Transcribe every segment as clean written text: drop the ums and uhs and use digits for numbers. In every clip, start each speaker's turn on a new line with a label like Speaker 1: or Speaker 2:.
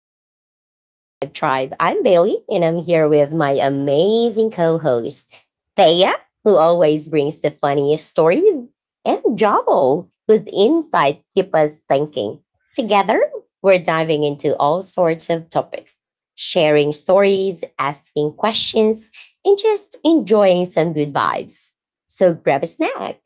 Speaker 1: welcome to the Vibe Tribe. I'm Bailey and I'm here with my amazing co host, Thea, who always brings the funniest stories, and Joel, whose insights keep us thinking. Together, we're diving into all sorts of topics, sharing stories, asking questions, and just enjoying some good vibes. So grab a snack,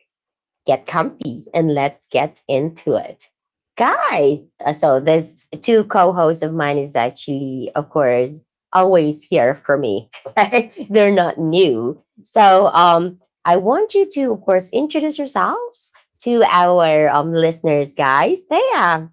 Speaker 1: get comfy, and let's get into it. Guy, so there's two co-hosts of mine, is actually, of course, always here for me. They're not new. So I want you to, of course, introduce yourselves to our listeners, guys. Thea,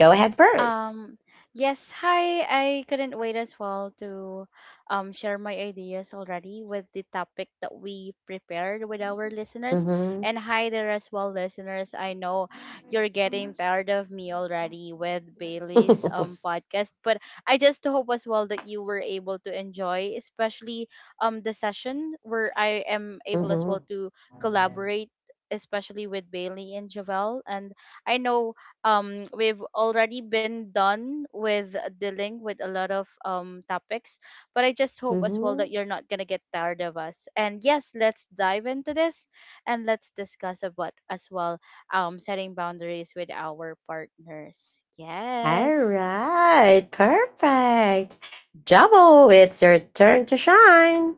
Speaker 1: go ahead first.
Speaker 2: Um, yes, hi. I couldn't wait as well to share my ideas already with the topic that we prepared with our listeners.
Speaker 1: Mm-hmm.
Speaker 2: And hi there as well, listeners. I know you're getting tired of me already with Bailey's podcast, but I just hope as well that you were able to enjoy, especially the session where I am able as well
Speaker 1: Mm-hmm.
Speaker 2: to collaborate, especially with Bailey and Javel. And I know we've already been done with dealing with a lot of topics but I just hope as well that
Speaker 1: Mm-hmm.
Speaker 2: you're not gonna get tired of us. And yes, let's dive into this and let's discuss about as well setting boundaries with our partners. Yes,
Speaker 1: All right. Perfect. Jabo, it's your turn to shine.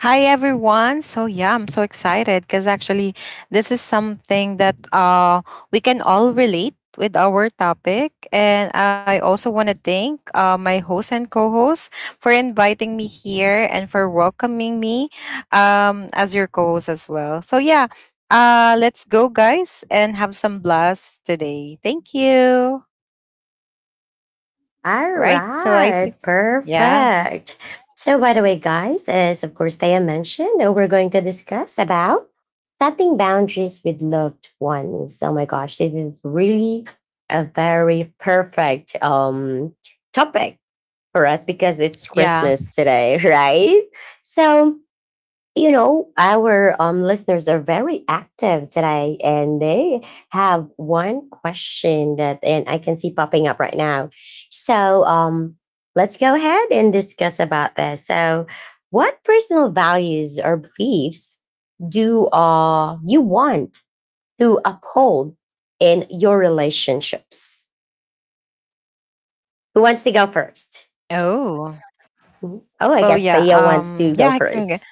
Speaker 3: Hi everyone. So yeah, I'm so excited because actually this is something that we can all relate with our topic, and I also want to thank my host and co-host for inviting me here and for welcoming me as your co-host as well. So yeah, let's go guys and have some blast today. Thank you.
Speaker 1: All
Speaker 3: Right. So I
Speaker 1: right,
Speaker 3: think yeah.
Speaker 1: perfect. So, by the way, guys, as of course Thea mentioned, we're going to discuss about setting boundaries with loved ones. Oh my gosh, this is really a very perfect topic for us because it's
Speaker 3: Yeah.
Speaker 1: Christmas today, right? So, you know, our listeners are very active today and they have one question that, and I can see popping up right now, so let's go ahead and discuss about this. So what personal values or beliefs do you want to uphold in your relationships? Who wants to go first?
Speaker 3: Oh.
Speaker 1: Mhm.
Speaker 3: Well, yeah.
Speaker 1: Oh, I guess Theo
Speaker 3: Yeah,
Speaker 1: wants
Speaker 3: I
Speaker 1: to go
Speaker 3: can.
Speaker 1: first.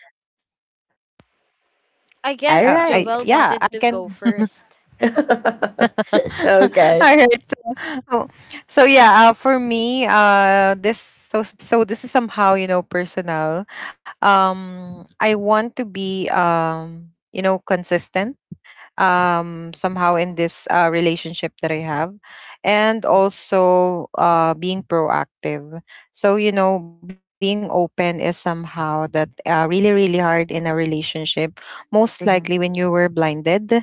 Speaker 2: I
Speaker 3: Uh,
Speaker 1: All
Speaker 2: guess
Speaker 3: I
Speaker 1: right.
Speaker 2: Jovel
Speaker 3: yeah, I
Speaker 2: wanted
Speaker 3: can.
Speaker 2: to go first.
Speaker 1: Okay.
Speaker 3: All right. So, oh, so yeah, for me, this so so this is somehow you know personal. I want to be you know consistent somehow in this relationship that I have, and also being proactive. So you know being open is somehow that really really hard in a relationship. Most likely when you
Speaker 1: Mhm,
Speaker 3: were blinded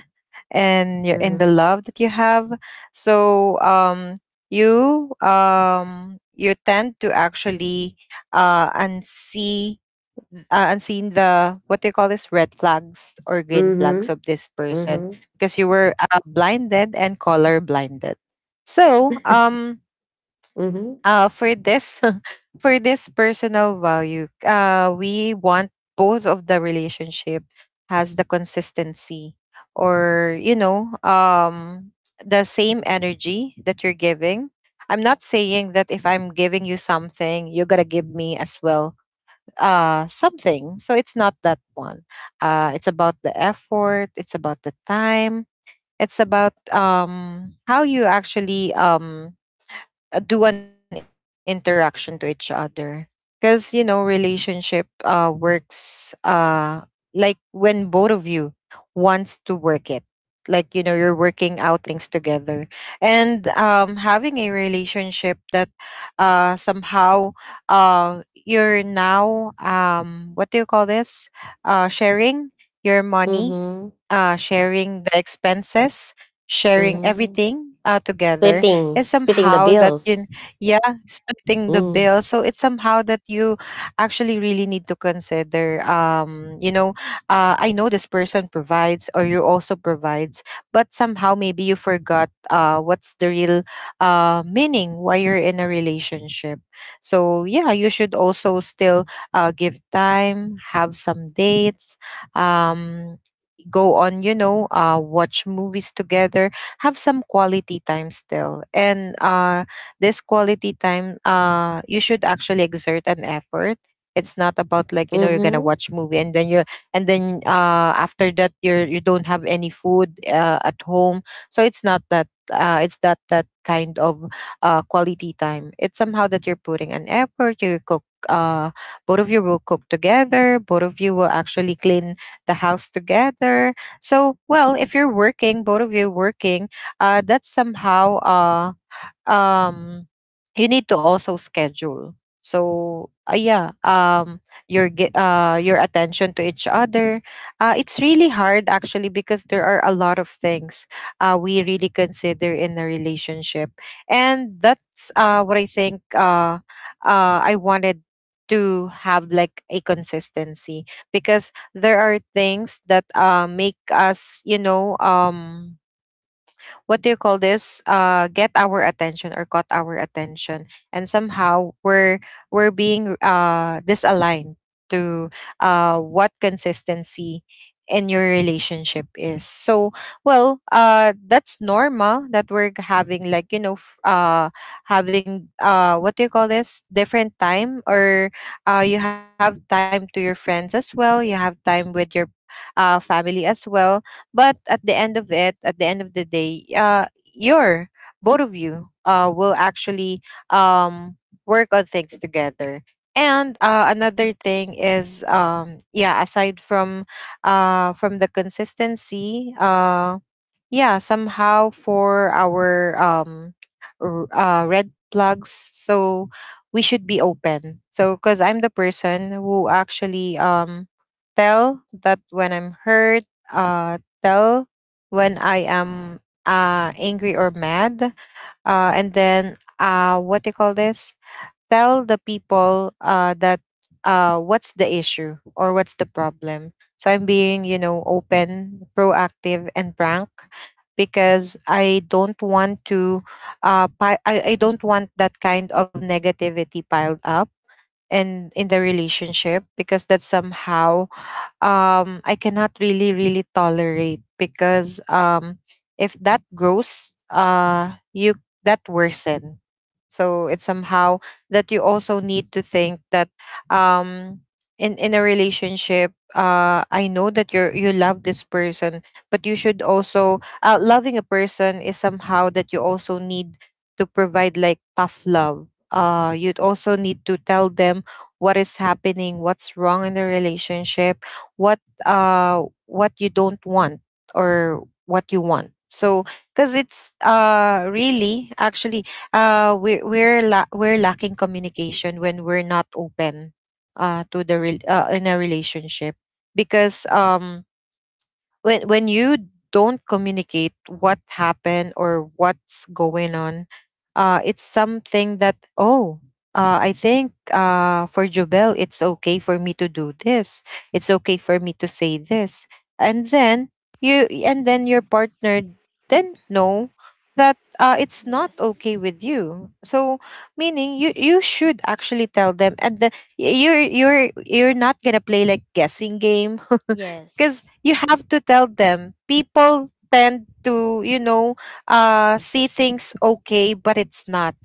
Speaker 3: and your in the
Speaker 1: mhm,
Speaker 3: love that you have, so you tend to actually uh unsee unseen the what they call this red flags or green flags
Speaker 1: mhm,
Speaker 3: of this person,
Speaker 1: mhm,
Speaker 3: because you were blinded and color blinded. So
Speaker 1: mhm,
Speaker 3: for this for this personal value, we want both of the relationship has the consistency or you know, the same energy that you're giving. I'm not saying that if I'm giving you something you're gonna give me as well something, so it's not that one. It's about the effort, it's about the time, it's about how you actually do an interaction to each other, because you know relationship works like when both of you wants to work it, like you know you're working out things together. And having a relationship that somehow you're now what do you call this sharing your money,
Speaker 1: mhm,
Speaker 3: sharing the expenses, sharing
Speaker 1: mhm.
Speaker 3: everything together
Speaker 1: Splitting,
Speaker 3: is
Speaker 1: splitting the
Speaker 3: somehow that
Speaker 1: bills.
Speaker 3: you— yeah, splitting the
Speaker 1: Mm.
Speaker 3: bill. So it's somehow that you actually really need to consider, you know, I know this person provides or you also provides, but somehow maybe you forgot what's the real meaning why you're in a relationship. So yeah, you should also still give time, have some dates, um go on, you know, watch movies together, have some quality time still. And this quality time, you should actually exert an effort. It's not about like you know you're gonna
Speaker 1: Mhm,
Speaker 3: watch movie and then you're— and then after that, you're— you don't have any food at home. So it's not that it's that— that kind of quality time. It's somehow that you're putting an effort. You cook. Uh, both of you will cook together. Both of you will actually clean the house together. So, well, if you're working, both of you working, that's somehow uh, um, you need to also schedule. So yeah, your your attention to each other, it's really hard actually because there are a lot of things we really consider in a relationship. And that's what I wanted to have like a consistency, because there are things that make us you know, what do you call this get our attention or caught our attention, and somehow we're— being disaligned to what consistency in your relationship is. So, well, that's normal that we're having like, you know, having what do you call this different time, or you have time to your friends as well, you have time with your family as well. But at the end of it, at the end of the day, you're— both of you will actually, um, work on things together. And another thing is, yeah, aside from the consistency, yeah somehow for our red plugs. So we should be open, so because I'm the person who actually tell that when I'm hurt, tell when I am angry or mad, and then what do you call this tell the people that what's the issue or what's the problem. So I'm being, you know, open, proactive, and frank, because I don't want to I don't want that kind of negativity piled up and in the relationship, because that somehow, I cannot really really tolerate because if that grows, you— that worsen. So it's somehow that you also need to think that, um in a relationship, I know that you're— you love this person, but you should also loving a person is somehow that you also need to provide like tough love. You'd also need to tell them what is happening, what's wrong in the relationship, what what you don't want or what you want. So because it's really actually we're, la- we're lacking communication when we're not open in a relationship, because when you don't communicate what happened or what's going on, it's something that— oh, I think for Jobel, it's okay for me to do this. It's okay for me to say this, and then you— and then your partner then know that it's not
Speaker 2: Yes.
Speaker 3: okay with you. So, meaning you— should actually tell them, and then you're— not gonna play like guessing game. Because
Speaker 2: Yes.
Speaker 3: you have to tell them. People tend to, you know, see things okay, but it's not.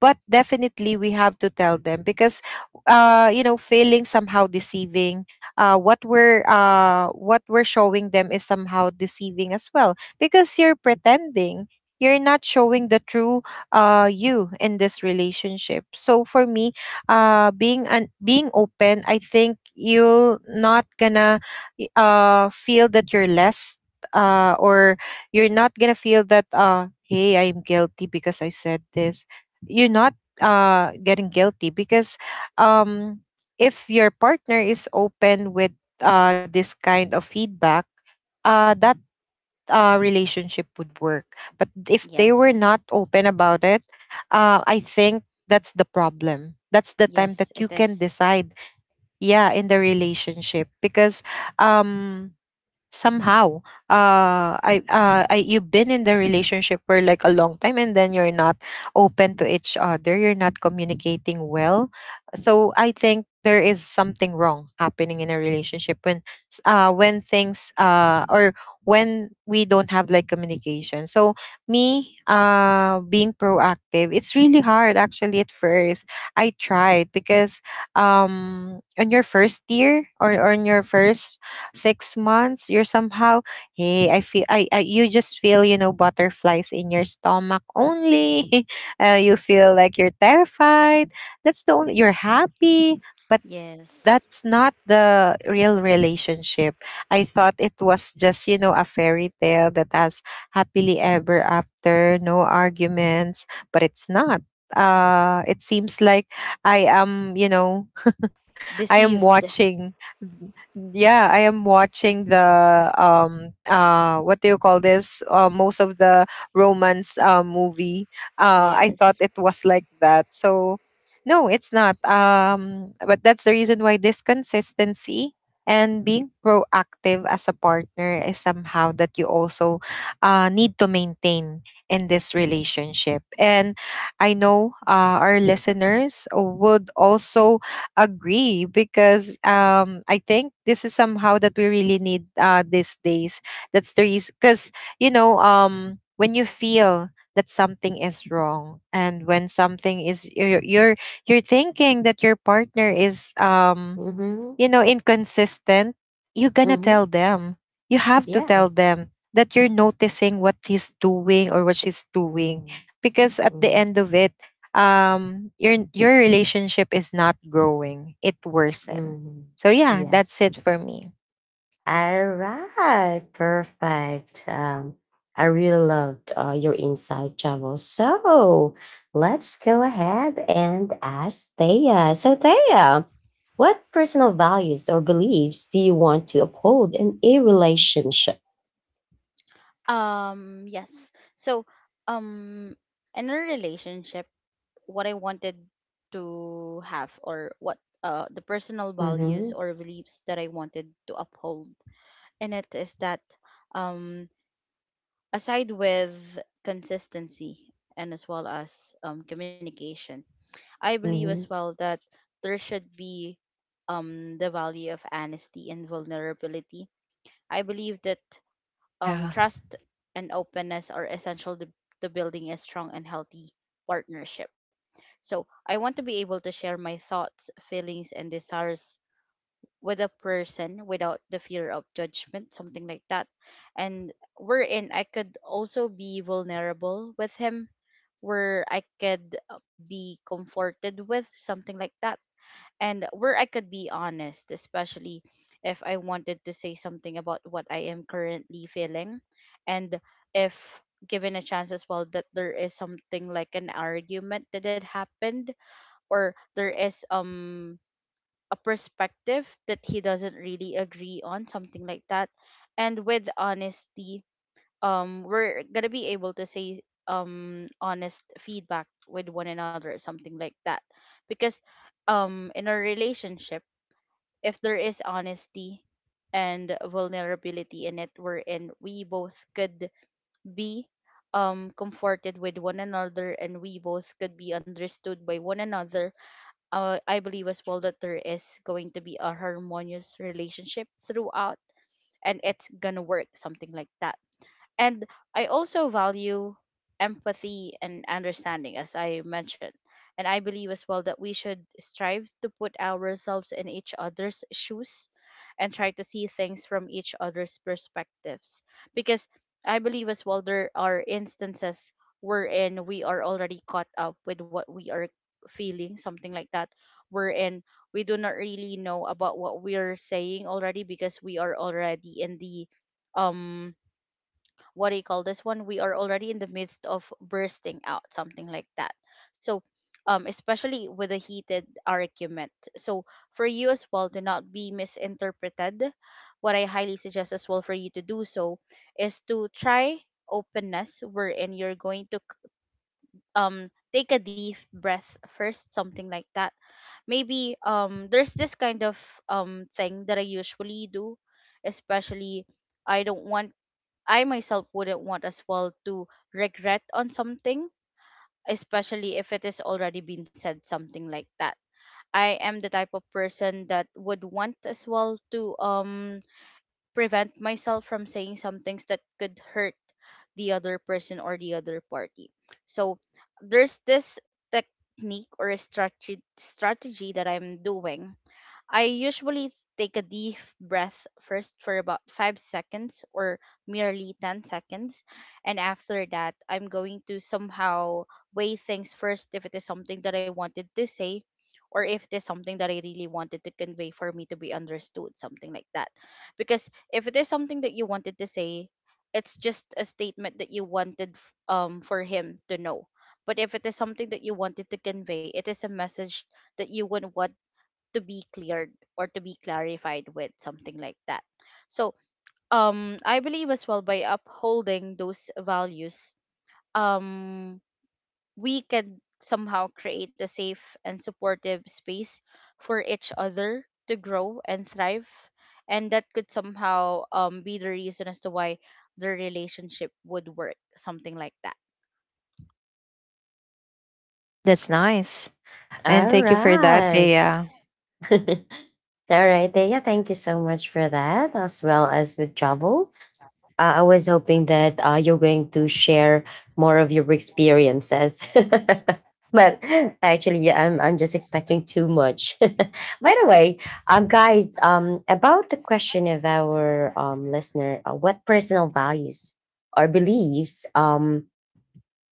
Speaker 3: But definitely we have to tell them, because you know feeling somehow deceiving, what we're showing them is somehow deceiving as well, because you're pretending, you're not showing the true you in this relationship. So for me, being open, I think you'll not gonna feel that you're less or you're not gonna feel that hey, I'm guilty because I said this. You're not getting guilty because um if your partner is open with this kind of feedback, that relationship would work. But if they were
Speaker 2: Yes.
Speaker 3: not open about it, I think that's the problem, that's the time
Speaker 2: Yes,
Speaker 3: that you
Speaker 2: it
Speaker 3: can
Speaker 2: is.
Speaker 3: decide yeah in the relationship, because um somehow I you've been in the relationship for like a long time and then you're not open to each other, you're not communicating well. So I think there is something wrong happening in a relationship when, when things or when we don't have like communication. So me being proactive, it's really hard actually at first. I tried because on your first year or on your first 6 months you're somehow— hey, I feel— I you just feel you know butterflies in your stomach only. You feel like you're terrified, that's the only you're happy. But
Speaker 2: Yes,
Speaker 3: that's not the real relationship. I thought it was just you know a fairy tale that has happily ever after, no arguments. But it's not. It seems like I am you know— I am
Speaker 2: deceived.
Speaker 3: watching— yeah, I am watching the what do you call this? Most of the romance movie. I thought
Speaker 2: Yes.
Speaker 3: it was like that. So no, it's not. But that's the reason why this consistency and being proactive as a partner is somehow that you also need to maintain in this relationship. And I know our listeners would also agree because I think this is somehow that we really need these days. That's the reason, because you know, when you feel that something is wrong and when something is— you're— you're thinking that your partner is,
Speaker 1: mhm,
Speaker 3: you know, inconsistent, you're gonna
Speaker 1: mhm.
Speaker 3: tell them. You have to
Speaker 1: Yeah.
Speaker 3: tell them that you're noticing what he's doing or what she's doing.
Speaker 1: Mm,
Speaker 3: Because at the
Speaker 1: mhm,
Speaker 3: end of it, your relationship is not growing. It worsen.
Speaker 1: mhm.
Speaker 3: So yeah, that's
Speaker 1: Yes.
Speaker 3: it for me.
Speaker 1: All right, perfect. I really loved your insight, Javo. So let's go ahead and ask Thea. So, Thea, what personal values or beliefs do you want to uphold in a relationship?
Speaker 2: Um, yes. So, um, in a relationship, what I wanted to have, or what the personal values
Speaker 1: Mm-hmm.
Speaker 2: or beliefs that I wanted to uphold in it, is that um aside with consistency and as well as communication, I believe as
Speaker 1: Mm-hmm.
Speaker 2: well that there should be the value of honesty and vulnerability. I believe that
Speaker 3: Yeah.
Speaker 2: trust and openness are essential to building a strong and healthy partnership. So, I want to be able to share my thoughts, feelings, and desires with a person without the fear of judgment, something like that. And wherein I could also be vulnerable with him, where I could be comforted with, something like that, and where I could be honest, especially if I wanted to say something about what I am currently feeling. And if given a chance as well that there is something like an argument that had happened, or there is a perspective that he doesn't really agree on, something like that. And with honesty, we're gonna be able to say honest feedback with one another, something like that. Because in a relationship, if there is honesty and vulnerability in it, wherein we both could be comforted with one another and we both could be understood by one another, I believe as well that there is going to be a harmonious relationship throughout and it's gonna work, something like that. And I also value empathy and understanding, as I mentioned. And I believe as well that we should strive to put ourselves in each other's shoes and try to see things from each other's perspectives. Because I believe as well there are instances wherein we are already caught up with what we are feeling, something like that, wherein we do not really know about what we're saying already because we are already in the um what do you call this one? We are already in the midst of bursting out, something like that. So, especially with a heated argument. So, for you as well to not be misinterpreted, what I highly suggest as well for you to do so is to try openness, wherein you're going to take a deep breath first, something like that. Maybe there's this kind of thing that I usually do, especially I don't want I myself wouldn't want as well to regret on something, especially if it has already been said, something like that. I am the type of person that would want as well to prevent myself from saying some things that could hurt the other person or the other party. So there's this technique or a strategy that I'm doing. I usually take a deep breath first for about 5 seconds or merely 10 seconds. And after that, I'm going to somehow weigh things first, if it is something that I wanted to say, or if it is something that I really wanted to convey for me to be understood, something like that. Because if it is something that you wanted to say, it's just a statement that you wanted for him to know. But if it is something that you wanted to convey, it is a message that you would want to be cleared or to be clarified with, something like that. So, I believe as well by upholding those values, um we can somehow create a safe and supportive space for each other to grow and thrive, and that could somehow be the reason as to why the relationship would work, something like that.
Speaker 3: That's nice. And
Speaker 1: All
Speaker 3: thank you for that,
Speaker 1: right.
Speaker 3: Thea.
Speaker 1: All right, Thea, thank you so much for that, as well as with Javo. I was hoping that you're going to share more of your experiences. But actually, yeah, I'm just expecting too much. By the way, guys, about the question of our listener, what personal values or beliefs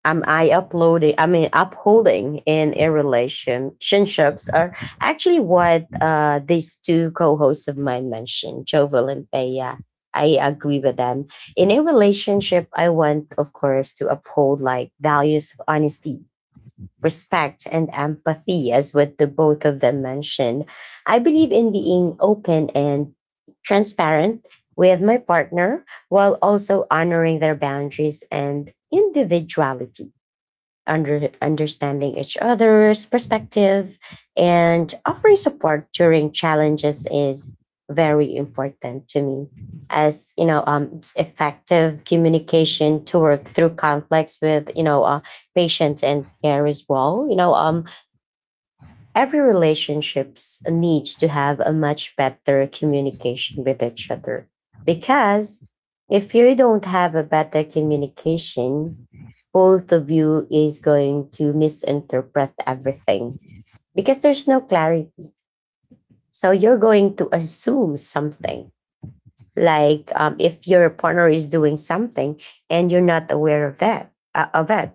Speaker 1: am I uploading, I mean, upholding in a relationships are actually what these two co hosts of mine mentioned, Jovel and Thea. I agree with them. In a relationship, I want, of course, to uphold like values of honesty, respect, and empathy, as what the both of them mentioned. I believe in being open and transparent with my partner while also honoring their boundaries and individuality, understanding each other's perspective and offering support during challenges, is very important to me. As you know, it's effective communication to work through conflicts with, patients and care, as well, every relationships needs to have a much better communication with each other, because if you don't have a better communication, both of you is going to misinterpret everything because there's no clarity. So you're going to assume something, like, if your partner is doing something and you're not aware of that, of it.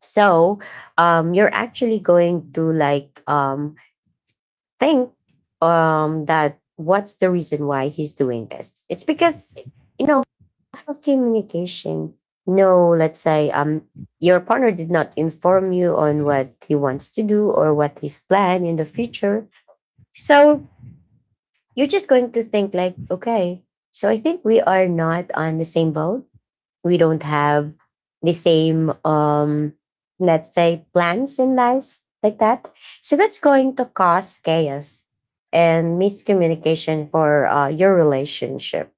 Speaker 1: So you're actually going to, like, think, that, what's the reason why he's doing this? It's because, you know lack of communication. No, let's say your partner did not inform you on what he wants to do or what his plan in the future. So you're just going to think like, okay, so I think we are not on the same boat, we don't have the same, let's say, plans in life like that. So that's going to cause chaos and miscommunication for your relationship,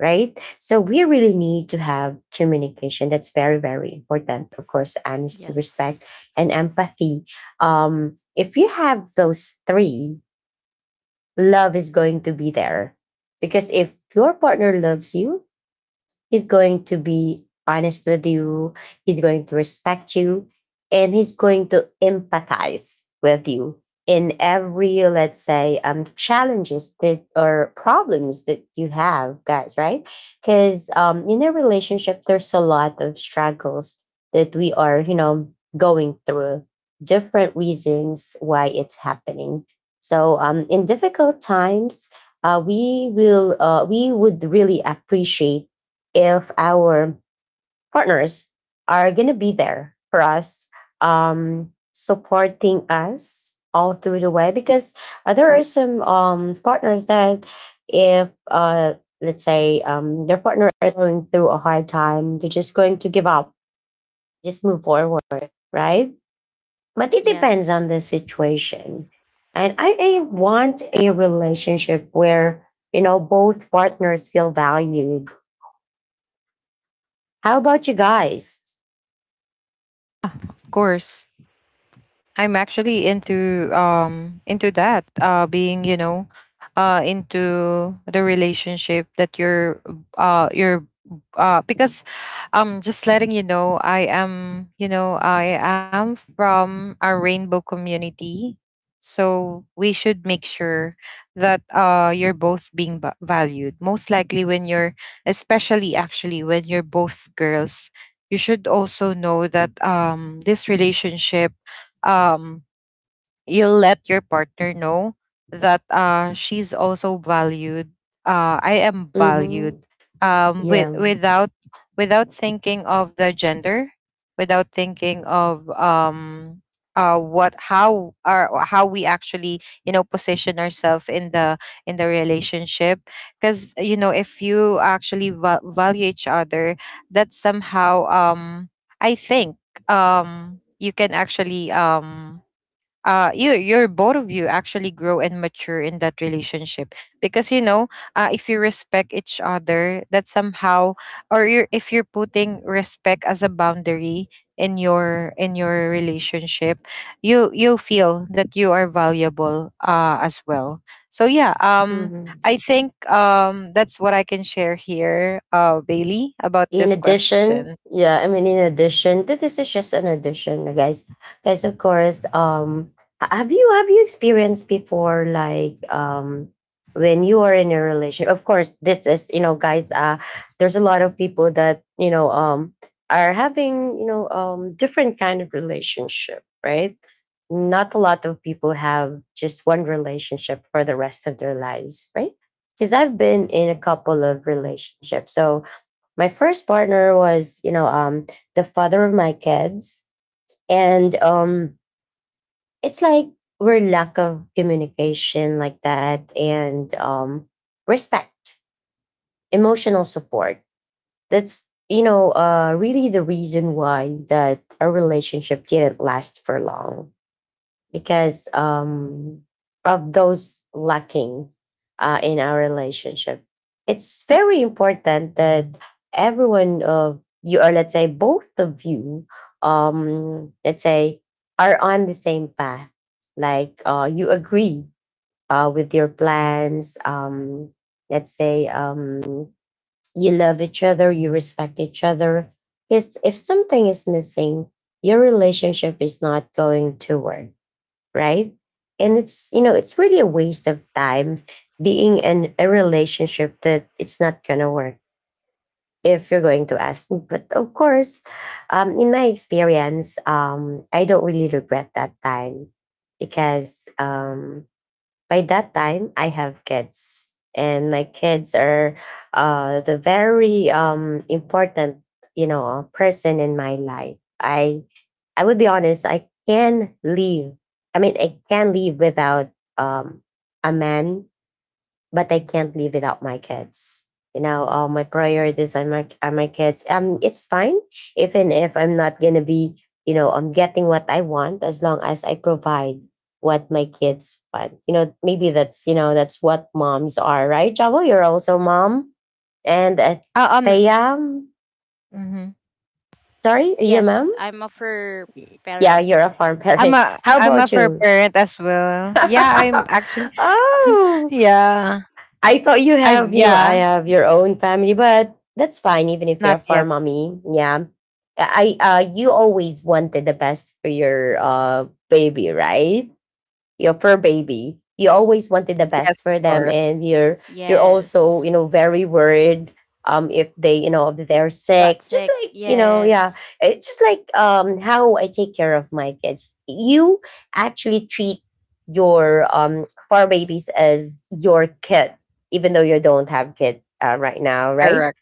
Speaker 1: right? So we really need to have communication. That's very very important. Of course, honesty,
Speaker 2: Yes.
Speaker 1: respect, and empathy. If you have those three, love is going to be there, because if your partner loves you, he's going to be honest with you. He's going to respect you and he's going to empathize with you in every, let's say, challenges that, or problems that you have, guys, right? Because, in a relationship, there's a lot of struggles that we are, you know, going through, different reasons why it's happening. So in difficult times, we would really appreciate if our partners are going to be there for us, supporting us all through the way. Because there are some partners that, if let's say their partner is going through a hard time, they're just going to give up, just move forward, right? But it depends
Speaker 2: Yes.
Speaker 1: on the situation. And I want a relationship where, you know, both partners feel valued. How about you guys?
Speaker 3: Of course. I'm actually into that being, into the relationship that you're because just letting you know, I am, I am from a rainbow community, so we should make sure that you're both being valued, most likely when you're, especially actually, when you're both girls. You should also know that this relationship, um you'll let your partner know that she's also valued, I am
Speaker 1: Mhm.
Speaker 3: valued, with,
Speaker 1: Yeah.
Speaker 3: without, without thinking of the gender, without thinking of what, how are, how we actually, position ourselves in the relationship. Because if you actually value each other, that somehow, I think, you can actually, you, you're both of you actually grow and mature in that relationship. Because if you respect each other, that somehow, or you're, if you're putting respect as a boundary in your relationship, you feel that you are valuable as well. So yeah,
Speaker 1: Mhm.
Speaker 3: I think that's what I can share here, Bailey, about
Speaker 1: In
Speaker 3: this question.
Speaker 1: addition, yeah, I mean, in addition, this is just an addition, guys. Guys, of course, have you experienced before, like, when you are in a relationship? Of course, this is, guys. There's a lot of people that, are having, different kind of relationship, right? Not a lot of people have just one relationship for the rest of their lives, right? Because I've been in a couple of relationships, so my first partner was, the father of my kids, and it's like we're lack of communication like that, and respect, emotional support, that's, really the reason why that our relationship didn't last for long, because of those lacking in our relationship. It's very important that everyone of you, or let's say both of you, let's say, are on the same path. Like, you agree with your plans. Let's say you love each other, you respect each other. Because if something is missing, your relationship is not going to work, right? And it's, you know, it's really a waste of time being in a relationship that it's not gonna work, if you're going to ask me. But of course, in my experience, I don't really regret that time, because by that time I have kids, and my kids are the very important, you know, person in my life. I would be honest, I can leave. I mean, I can leave without um, a man, but I can't leave without my kids. You know, all my priorities are my, are my kids. It's fine, even if I'm not gonna be, you know, I'm getting what I want, as long as I provide what my kids want. You know, maybe that's, that's what moms are, right? Jawel, you're also mom, and
Speaker 3: uh, um
Speaker 1: Thea,
Speaker 3: mhm.
Speaker 1: sorry, are you a mom?
Speaker 2: Yes, I'm a fur
Speaker 1: Yeah,
Speaker 2: parent.
Speaker 1: you're a farm
Speaker 3: I'm
Speaker 1: parent.
Speaker 3: a
Speaker 1: How
Speaker 3: I'm a
Speaker 1: about
Speaker 3: fur
Speaker 1: you?
Speaker 3: parent as well. Yeah, I'm actually
Speaker 1: Oh,
Speaker 3: yeah.
Speaker 1: I thought you
Speaker 3: I
Speaker 1: have, you know, I
Speaker 3: Yeah,
Speaker 1: have your own family, but that's fine, even if you're a
Speaker 3: not yet.
Speaker 1: farm mommy. Yeah. You always wanted the best for your, baby, right? Your fur baby. You always wanted the
Speaker 3: Yes,
Speaker 1: best for
Speaker 3: of
Speaker 1: them,
Speaker 3: course.
Speaker 1: and you're also,
Speaker 2: Yes.
Speaker 1: you know, very worried if they, you know, if they're sick.
Speaker 2: Got
Speaker 1: Just
Speaker 2: sick.
Speaker 1: like, you know, yeah,
Speaker 2: Yes.
Speaker 1: it's just like, how I take care of my kids. You actually treat your fur babies as your kids, even though you don't have kids right now, right?
Speaker 3: Correct.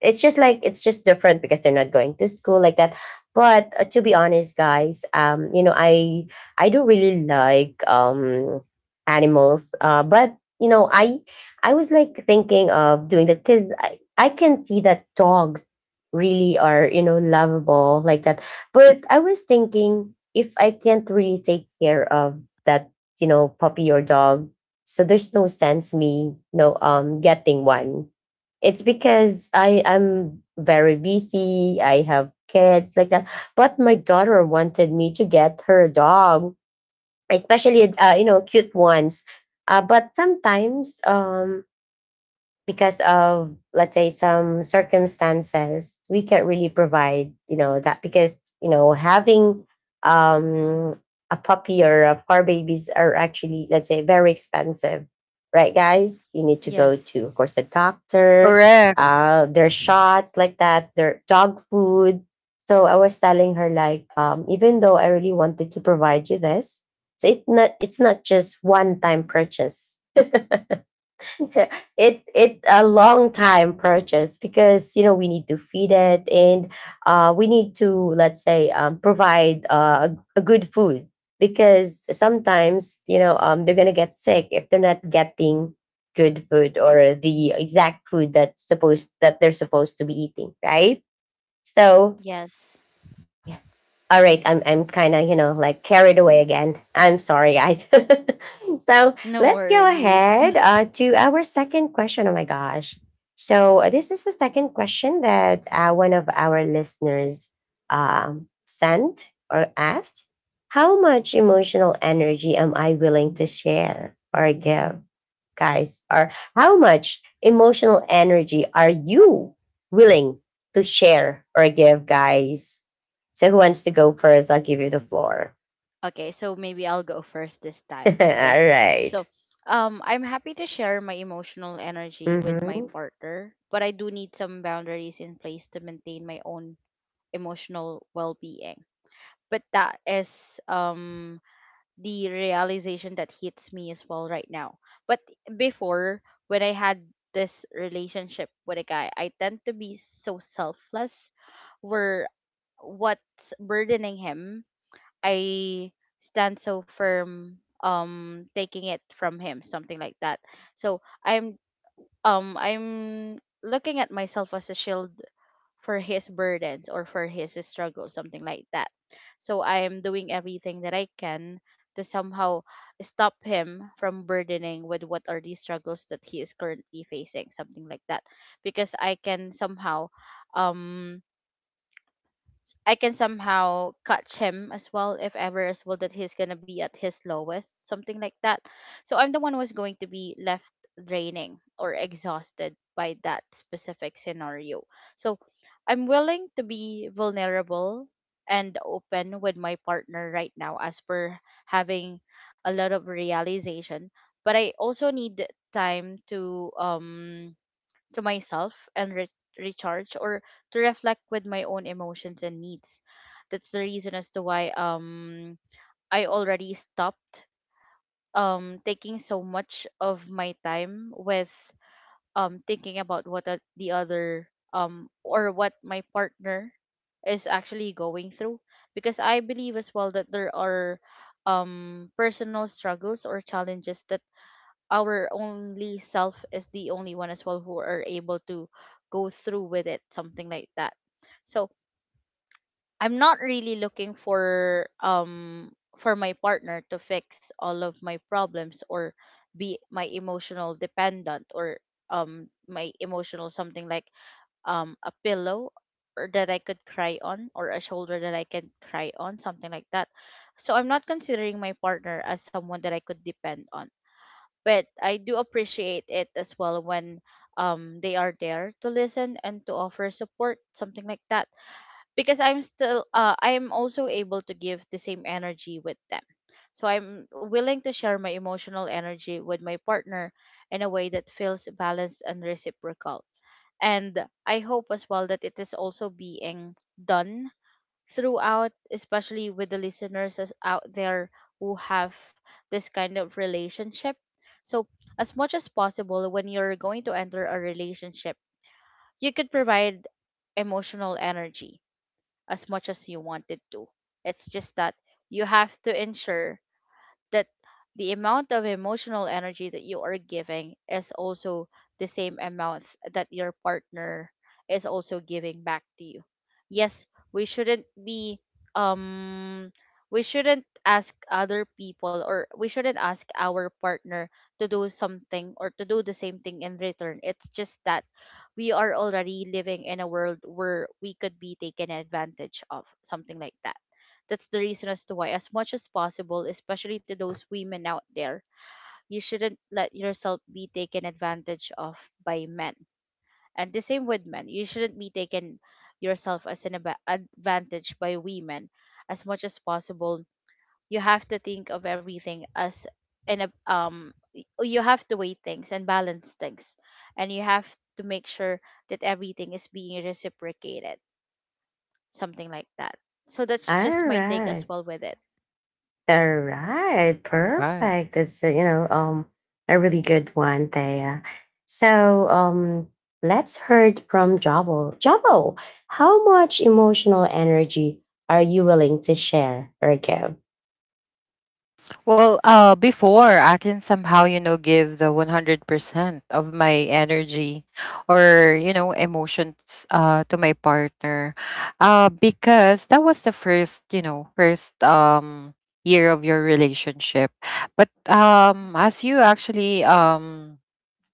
Speaker 1: It's just like, it's just different because they're not going to school like that. But to be honest guys, I do not really like animals. But, you know, I was like thinking of doing that, because I can see that dogs really are, you know, lovable like that. But I was thinking, if I can't really take care of that, you know, puppy or dog, so there's no sense me, getting one. It's because I am very busy. I have kids like that. But my daughter wanted me to get her a dog, especially you know, cute ones. But sometimes because of, let's say, some circumstances, we can't really provide, you know, that, because, you know, having um a puppy or a fur babies are actually, let's say, very expensive, right guys? You need to go to,
Speaker 2: Yes.
Speaker 1: of course, a doctor,
Speaker 3: Correct.
Speaker 1: their shots like that, their dog food. So I was telling her like, even though I really wanted to provide you this, so it's not just one time purchase. It a long time purchase, because, you know, we need to feed it, and we need to, let's say, provide a good food. Because sometimes, they're gonna get sick if they're not getting good food, or the exact food that they're supposed to be eating, right? So
Speaker 2: Yes.
Speaker 1: all right, I'm kind of, you know, like carried away again. I'm sorry, guys. So
Speaker 2: No
Speaker 1: let's go
Speaker 2: worries.
Speaker 1: ahead to our second question. Oh my gosh! So this is the second question that one of our listeners sent or asked. How much emotional energy am I willing to share or give? Guys, are how much emotional energy are you willing to share or give, guys? So, who wants to go first? I'll give you the floor.
Speaker 2: Okay, so maybe I'll go first this time.
Speaker 1: All
Speaker 2: Okay.
Speaker 1: right.
Speaker 2: So, I'm happy to share my emotional energy with
Speaker 1: Mm-hmm.
Speaker 2: my
Speaker 1: All
Speaker 2: partner, but I do need some boundaries in place to maintain my own emotional well-being. But that is the realization that hits me as well right now. But before, when I had this relationship with a guy, I tend to be so selfless where what's burdening him, I stand so firm taking it from him, something like that. So I'm looking at myself as a shield for his burdens or for his struggles, something like that. So I am doing everything that I can to somehow stop him from burdening with what are the struggles that he is currently facing, something like that. Because um I can somehow catch him as well if ever as well that he's gonna be at his lowest, something like that. So I'm the one who's going to be left draining or exhausted by that specific scenario. So I'm willing to be vulnerable and open with my partner right now as per having a lot of realization. But I also need time to myself and recharge, or to reflect with my own emotions and needs. That's the reason as to why I already stopped taking so much of my time with thinking about what the other or what my partner is actually going through, because I believe as well that there are personal struggles or challenges that our only self is the only one as well who are able to go through with it, something like that. So I'm not really looking for my partner to fix all of my problems, or be my emotional dependent, or my emotional something like a pillow or that I could cry on, or a shoulder that I can cry on, something like that. So I'm not considering my partner as someone that I could depend on, but I do appreciate it as well when they are there to listen and to offer support, something like that. Because I'm still I'm also able to give the same energy with them. So I'm willing to share my emotional energy with my partner in a way that feels balanced and reciprocal, and I hope as well that it is also being done throughout, especially with the listeners out there who have this kind of relationship. So, as much as possible, when you're going to enter a relationship, you could provide emotional energy as much as you wanted to. It's just that you have to ensure that the amount of emotional energy that you are giving is also the same amount that your partner is also giving back to you. Yes, we shouldn't be um we shouldn't ask other people, or we shouldn't ask our partner to do something or to do the same thing in return. It's just that we are already living in a world where we could be taken advantage of, something like that. That's the reason as to why, as much as possible, especially to those women out there, you shouldn't let yourself be taken advantage of by men. And the same with men, you shouldn't be taken yourself as an advantage by women. As much as possible, you have to think of everything as an you have to weigh things and balance things, and you have to make sure that everything is being reciprocated, something like that. So that's just my take as
Speaker 1: right.
Speaker 2: well with it.
Speaker 1: All right.
Speaker 3: Right.
Speaker 1: Perfect. It's, a really good one there. So, um, let's heard from Javo. Javo, how much emotional energy are you willing to share or give?
Speaker 3: Well, before I can somehow, give the 100% of my energy or, emotions to my partner. Because that was the first year of your relationship. But as you actually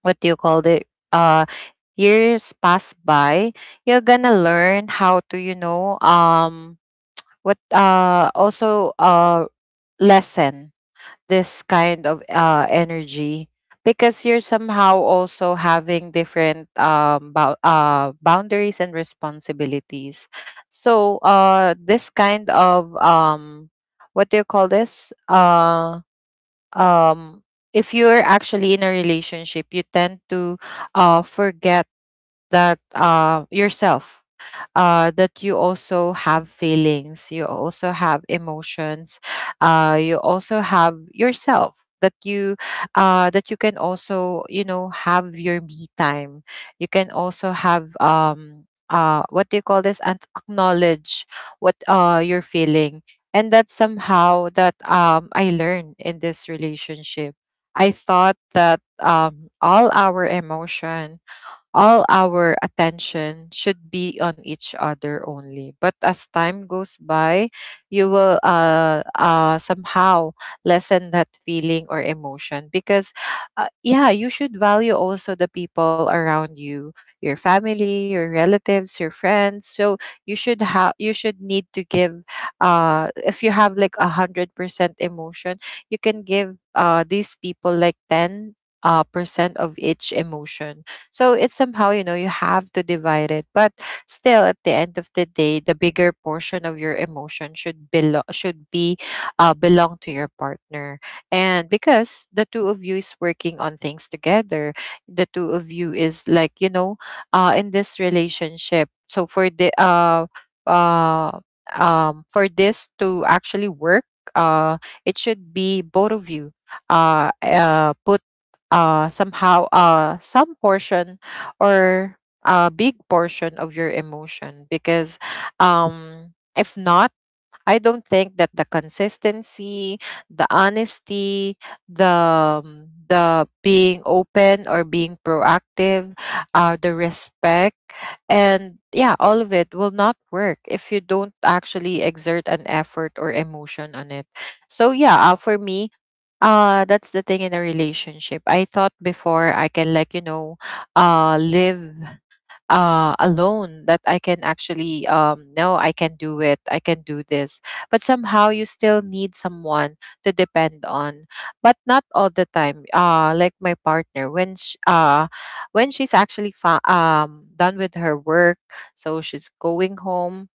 Speaker 3: what do you call it, years pass by, you're gonna learn how to, what also lessen this kind of energy, because you're somehow also having different boundaries and responsibilities. So this kind of what do you call this, um if you're actually in a relationship, you tend to forget that, yourself, that you also have feelings, you also have emotions, you also have yourself that you, that you can also, have your me time, you can also have what do you call this, and acknowledge what, you're feeling. And that's somehow that, I learned in this relationship. I thought that, all our emotion, all our attention should be on each other only. But as time goes by, you will somehow lessen that feeling or emotion, because, yeah, you should value also the people around you, your family, your relatives, your friends. So you should have, you should need to give. If you have like 100% emotion, you can give these people like ten percent of each emotion, so it's somehow, you know, you have to divide it. But still, at the end of the day, the bigger portion of your emotion should belong, should be, belong to your partner. And because the two of you is working on things together, the two of you is like, you know, in this relationship. So for the uh for this to actually work, uh it should be both of you, put some portion, or a big portion, of your emotion. Because if not, I don't think that the consistency, the honesty, the being open or being proactive, the respect, and yeah, all of it will not work if you don't actually exert an effort or emotion on it. So yeah, for me, that's the thing in a relationship. I thought before I can, like, you know, live alone, that I can actually, no, I can do it, I can do this. But somehow you still need someone to depend on, but not all the time. Like my partner, when sh when she's actually done with her work, so she's going home,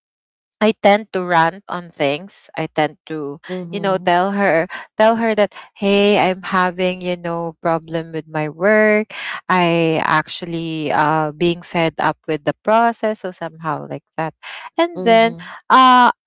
Speaker 3: I tend to rant on things. I tend to, you know,
Speaker 1: Mm-hmm.
Speaker 3: tell her that, hey, I'm having, you know, problem with my work. I actually being fed up with the process, so somehow like that. And then,
Speaker 1: Mhm,
Speaker 3: uh,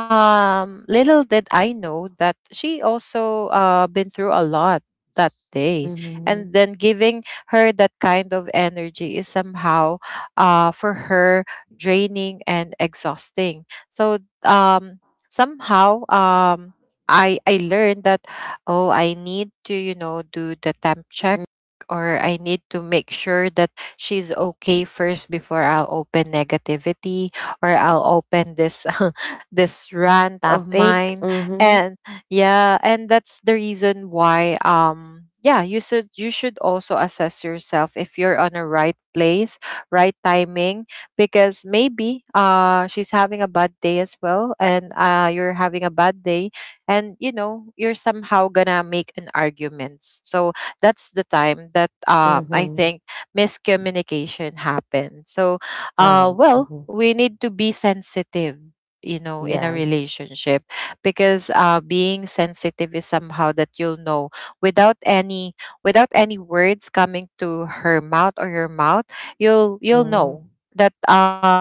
Speaker 3: little did I know that she also been through a lot that day, and
Speaker 1: mhm,
Speaker 3: then giving her that kind of energy is somehow, for her, draining and exhausting. So, um somehow I learned that, oh, I need to, you know, do the temp check,
Speaker 1: mm.
Speaker 3: or I need to make sure that she's okay first, before I'll open negativity or I'll open this this rant of
Speaker 1: Topic?
Speaker 3: mine.
Speaker 1: Mhm,
Speaker 3: And yeah, and that's the reason why, yeah, you should, you should also assess yourself if you're on a right place, right timing, because maybe she's having a bad day as well, and you're having a bad day, and you know, you're somehow gonna make an argument. So that's the time that, I
Speaker 1: mhm.
Speaker 3: think, miscommunication happened. So
Speaker 1: Oh,
Speaker 3: well,
Speaker 1: mhm.
Speaker 3: we need to be sensitive, you know, in a
Speaker 1: Yeah.
Speaker 3: relationship, because being sensitive is somehow that you'll know, without any, without any words coming to her mouth or your mouth, you'll know
Speaker 1: Mhm,
Speaker 3: that,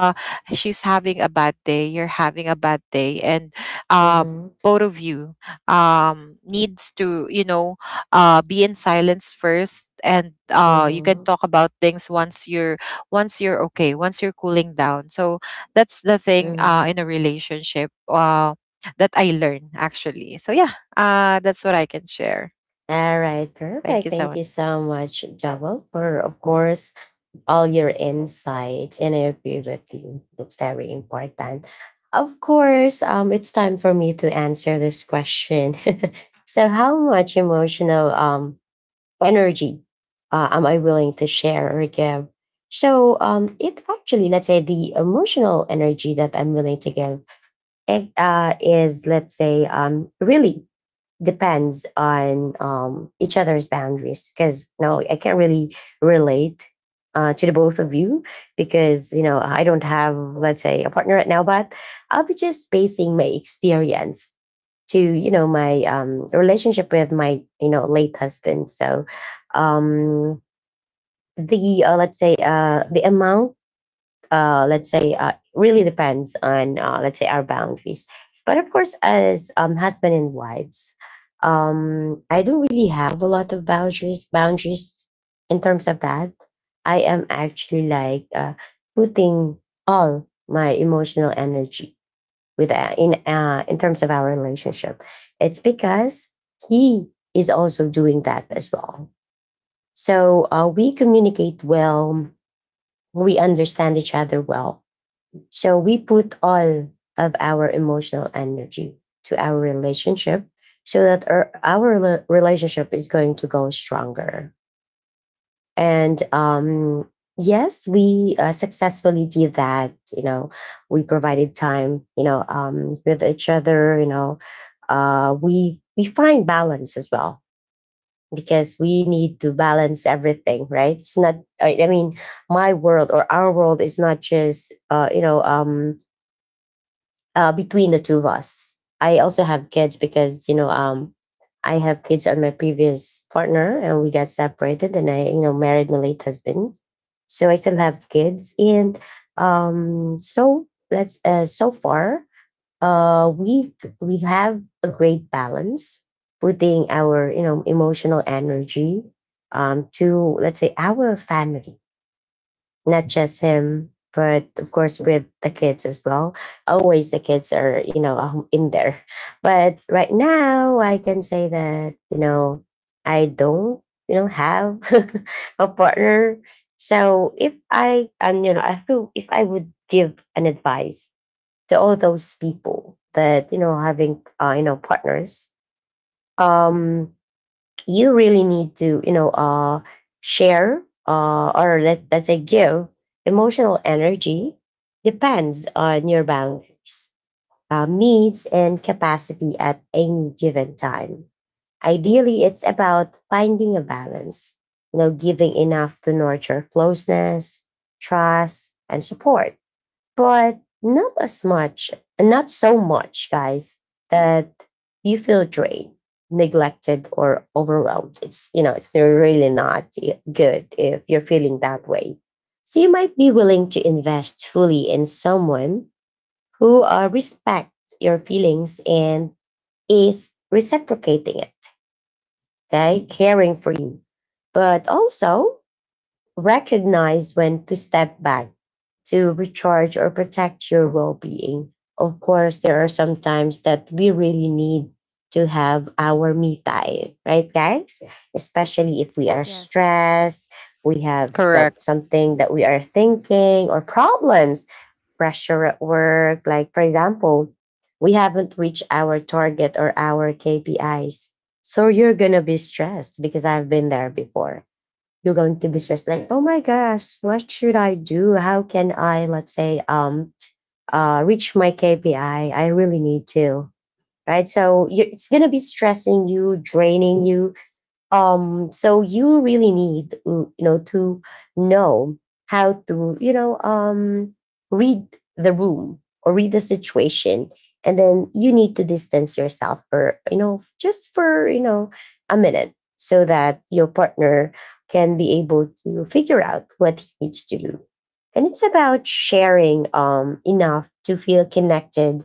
Speaker 3: she's having a bad day, you're having a bad day, and uh
Speaker 1: mhm,
Speaker 3: both of you, needs to, you know, be in silence first, and you can
Speaker 1: mhm,
Speaker 3: talk about things once you're, once you're okay, once you're cooling down. So that's the thing, in
Speaker 1: mhm.
Speaker 3: a relationship, that I learn actually. So yeah, that's what I can share.
Speaker 1: All right,
Speaker 3: Thank
Speaker 1: perfect.
Speaker 3: you so.
Speaker 1: Thank you so much, Joel, for, of course, all your insight. And I agree with you. It's very important. Of course, it's time for me to answer this question. So, how much emotional energy am I willing to share or give? So it actually, let's say, the emotional energy that I'm willing to give it, is, let's say, really depends on each other's boundaries. Because no, I can't really relate to the both of you because I don't have, let's say, a partner right now. But I'll be just basing my experience to my relationship with my late husband. So um, the let's say the amount, let's say, really depends on, let's say, our boundaries. But of course, as husband and wives, I don't really have a lot of boundaries in terms of that. I am actually like, putting all my emotional energy with in terms of our relationship. It's because he is also doing that as well. So we communicate well. We understand each other well. So we put all of our emotional energy to our relationship so that our relationship is going to go stronger. And yes, we successfully did that. You know, we provided time with each other. We find balance as well, because we need to balance everything, right? It's not, I mean, my world or our world is not just between the two of us. I also have kids because, I have kids on my previous partner, and we got separated, and I, married my late husband, so I still have kids. And so that's so far, uh, we we have a great balance, putting our emotional energy, to let's say our family, not just him, but of course with the kids as well. Always the kids are, in there. But right now, I can say that, I don't, have a partner. So if I, I feel if I would give an advice to all those people that, having, partners, um, you really need to, share, or, let's say, give emotional energy, depends on your boundaries, needs and capacity at any given time. Ideally, it's about finding a balance, giving enough to nurture closeness, trust, and support, but not as much, not so much, guys, that you feel drained, neglected, or overwhelmed. It's really really not good if you're feeling that way. So you might be willing to invest fully in someone who, respects your feelings and is reciprocating it, okay, caring for you. But also, recognize when to step back to recharge or protect your well being. Of course, there are some times that we really need to have our me time, right, guys? Especially if we are
Speaker 2: Yes.
Speaker 1: stressed, we have
Speaker 3: Correct.
Speaker 1: something that we are thinking, or problems, pressure at work. Like, for example, we haven't reached our target or our KPIs. So you're going to be stressed, because I've been there before. You're going to be stressed like, oh my gosh, what should I do? How can I, let's say, reach my KPI? I really need to. Right? So you, it's going to be stressing you, draining you, so you really need to, you know, to know how to, read the room or read the situation. And then you need to distance yourself for, just for, a minute, so that your partner can be able to figure out what he needs to do. And it's about sharing enough to feel connected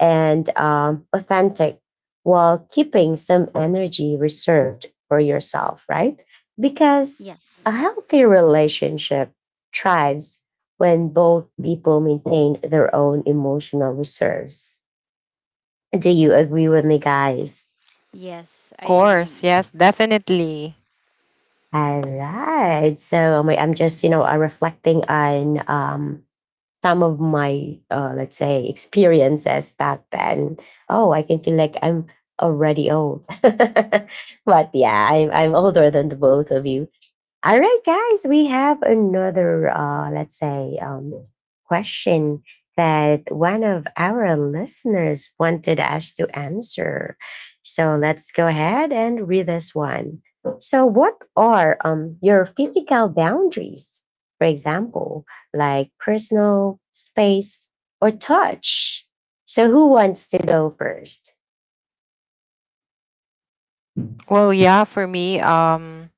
Speaker 1: and authentic, while keeping some energy reserved for yourself, right? Because a
Speaker 2: Yes.
Speaker 1: healthy relationship thrives when both people maintain their own emotional reserves. Do you agree with me, guys?
Speaker 2: Yes,
Speaker 3: Of
Speaker 2: I
Speaker 3: course.
Speaker 2: agree.
Speaker 3: Yes, definitely.
Speaker 1: All right. So I'm just, reflecting on, some of my, let's say, experiences back then. Oh, I can feel like I'm already old. But yeah, I'm older than the both of you. All right, guys, we have another, let's say, question that one of our listeners wanted us to answer. So let's go ahead and read this one. So, what are, your physical boundaries? For example, like personal space or touch. So, who wants to go first?
Speaker 3: Well, yeah, for me,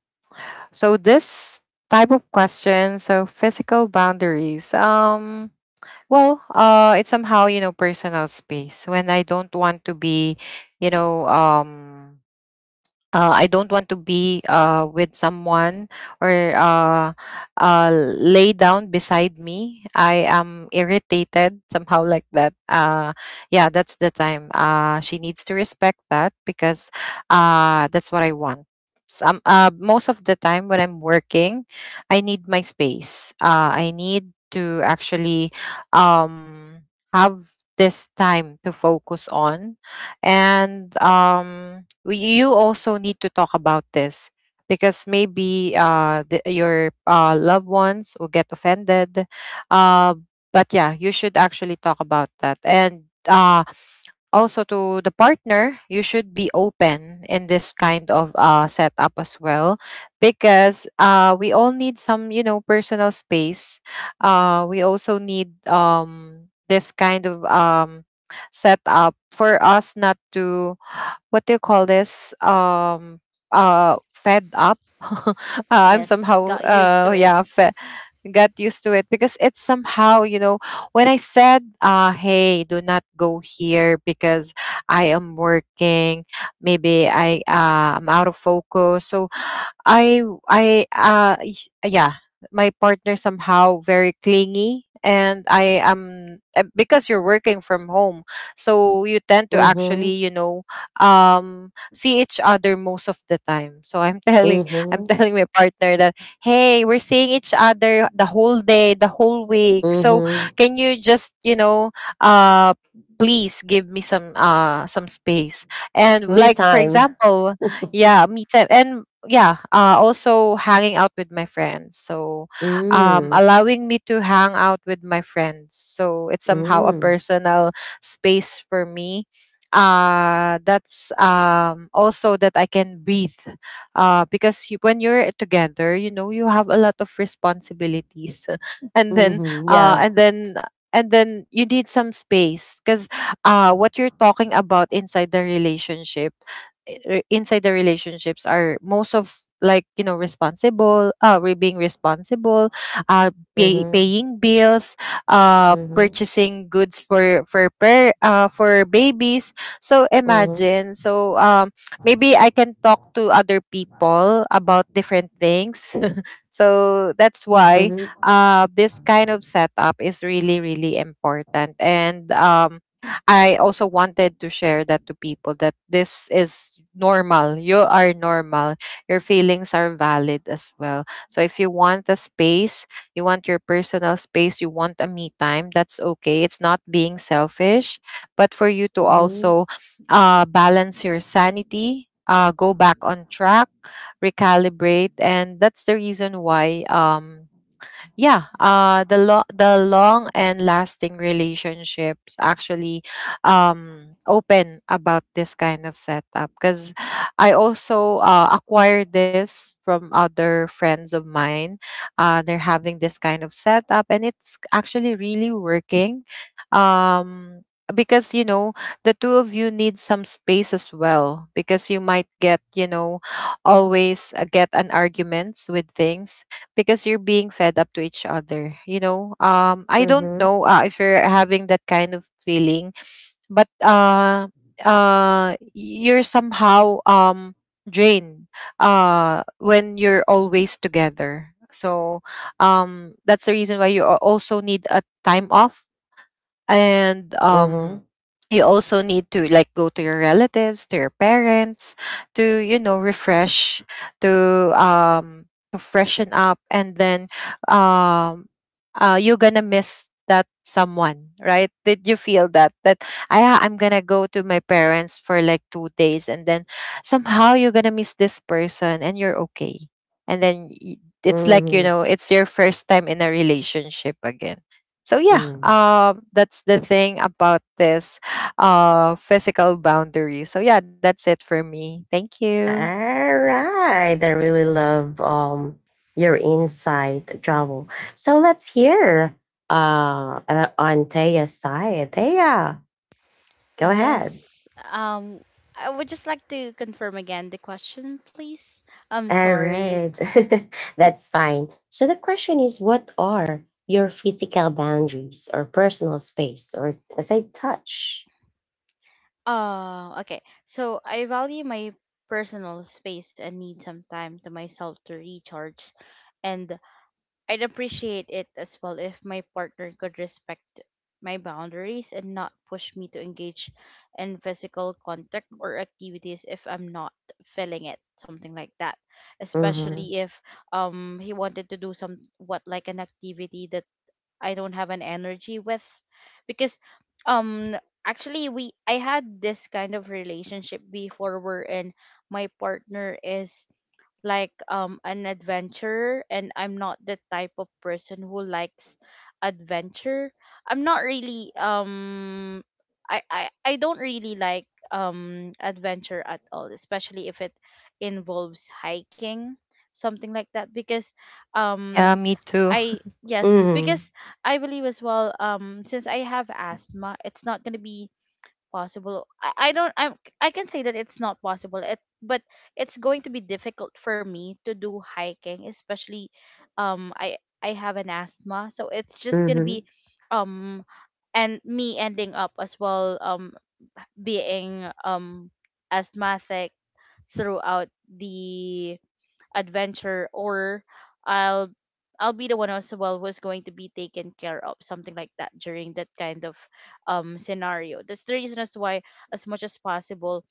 Speaker 3: so this type of question, so physical boundaries. Well, it's somehow, you know, personal space when I don't want to be, you know, I don't want to be, with someone, or uh, lay down beside me. I am irritated somehow like that. Yeah, that's the time. She needs to respect that, because that's what I want. Some, most of the time when I'm working, I need my space. I need to actually, um, have this time to focus on, and we, you also need to talk about this, because maybe the, your loved ones will get offended. Uh, but yeah, you should actually talk about that. And also to the partner, you should be open in this kind of setup as well, because we all need some, you know, personal space. We also need this kind of setup, for us not to, what do you call this, fed up I'm
Speaker 2: Yes,
Speaker 3: somehow
Speaker 2: got used to it.
Speaker 3: yeah fe- got used to it, because it's somehow, you know, when I said, hey, do not go here, because I am working. Maybe I, I'm out of focus, so I I uh y- yeah, my partner, somehow very clingy, and I am, because you're working from home, so you tend to actually,
Speaker 1: Mm-hmm.
Speaker 3: you know, see each other most of the time. So I'm telling, I'm
Speaker 1: Mm-hmm.
Speaker 3: telling my partner that, hey, we're seeing each other the whole day, the whole week, so
Speaker 1: Mm-hmm.
Speaker 3: can you just, you know, uh please give me some, some space, and
Speaker 1: Me
Speaker 3: like, for
Speaker 1: time.
Speaker 3: example, yeah, me time. And yeah, also hanging out with my friends. So
Speaker 1: Mm.
Speaker 3: allowing me to hang out with my friends, so it's somehow a
Speaker 1: Mm.
Speaker 3: personal space for me, that's, also that I can breathe. Because, you, when you're together, you know, you have a lot of responsibilities, and then,
Speaker 1: Mhm, yeah.
Speaker 3: and then you need some space, because what you're talking about inside the relationship, inside the relationships are most of, like, you know, responsible, being responsible, uh pay,
Speaker 1: Mhm,
Speaker 3: paying bills,
Speaker 1: mhm,
Speaker 3: purchasing goods for, for babies, so
Speaker 1: mhm,
Speaker 3: imagine. So maybe I can talk to other people about different things. So that's why,
Speaker 1: mhm,
Speaker 3: this kind of setup is really, really important. And I also wanted to share that to people, that this is normal. You are normal. Your feelings are valid as well. So if you want a space, you want your personal space, you want a me time, that's okay. It's not being selfish, but for you to
Speaker 1: mhm,
Speaker 3: also, balance your sanity, go back on track, recalibrate. And that's the reason why, yeah, the the long and lasting relationships actually open about this kind of setup, because I also, acquired this from other friends of mine. They're having this kind of setup, and it's actually really working. um because, you know, the two of you need some space as well, because you might get, you know, always, get an arguments with things, because you're being fed up to each other, you know, I don't
Speaker 1: mhm,
Speaker 3: know, if you're having that kind of feeling. But you're somehow drained, when you're always together. So that's the reason why you, also need a time off. And
Speaker 1: mhm,
Speaker 3: you also need to, like, go to your relatives, to your parents, to, you know, refresh, to um to freshen up. And then, um you're gonna miss that someone, right? Did you feel that, that, I'm gonna go to my parents for like 2 days, and then somehow you're gonna miss this person, and you're okay. And then, it's like, you
Speaker 1: mhm,
Speaker 3: know, it's your first time in a relationship again. So yeah,
Speaker 1: mhm.
Speaker 3: that's the thing about this, physical boundaries. So yeah, that's it for me. Thank you.
Speaker 1: All right. I really love your insight, Javo. So let's hear, on Taya's side. Taya, go ahead.
Speaker 2: Yes. I would just like to confirm again the question, please. I'm
Speaker 1: All
Speaker 2: sorry.
Speaker 1: right. That's fine. So the question is, what are your physical boundaries or personal space or as I touch?
Speaker 2: Okay. So I value my personal space and need some time to myself to recharge, and I'd appreciate it as well if my partner could respect my boundaries and not push me to engage in physical contact or activities if I'm not feeling it, something like that. Especially if he wanted to do some what like an activity that I don't have an energy with, because um actually we I had this kind of relationship before wherein my partner is like an adventurer and I'm not the type of person who likes adventure. I'm not really I don't really like adventure at all, especially if it involves hiking, something like that because
Speaker 3: Yeah, me
Speaker 2: um
Speaker 3: too.
Speaker 2: I, yes,
Speaker 1: Mhm.
Speaker 2: because I believe as well. Since I have asthma, it's not gonna be possible. I don't. I'm. I can say that it's not possible. But it's going to be difficult for me to do hiking, especially, I have an asthma, so it's just gonna be,
Speaker 1: Mhm.
Speaker 2: um, and me ending up as well. Being asthmatic throughout the adventure, or I'll I'll be the one as well who's going to be taken care of, something like that during that kind of scenario. That's the reason as why as much as possible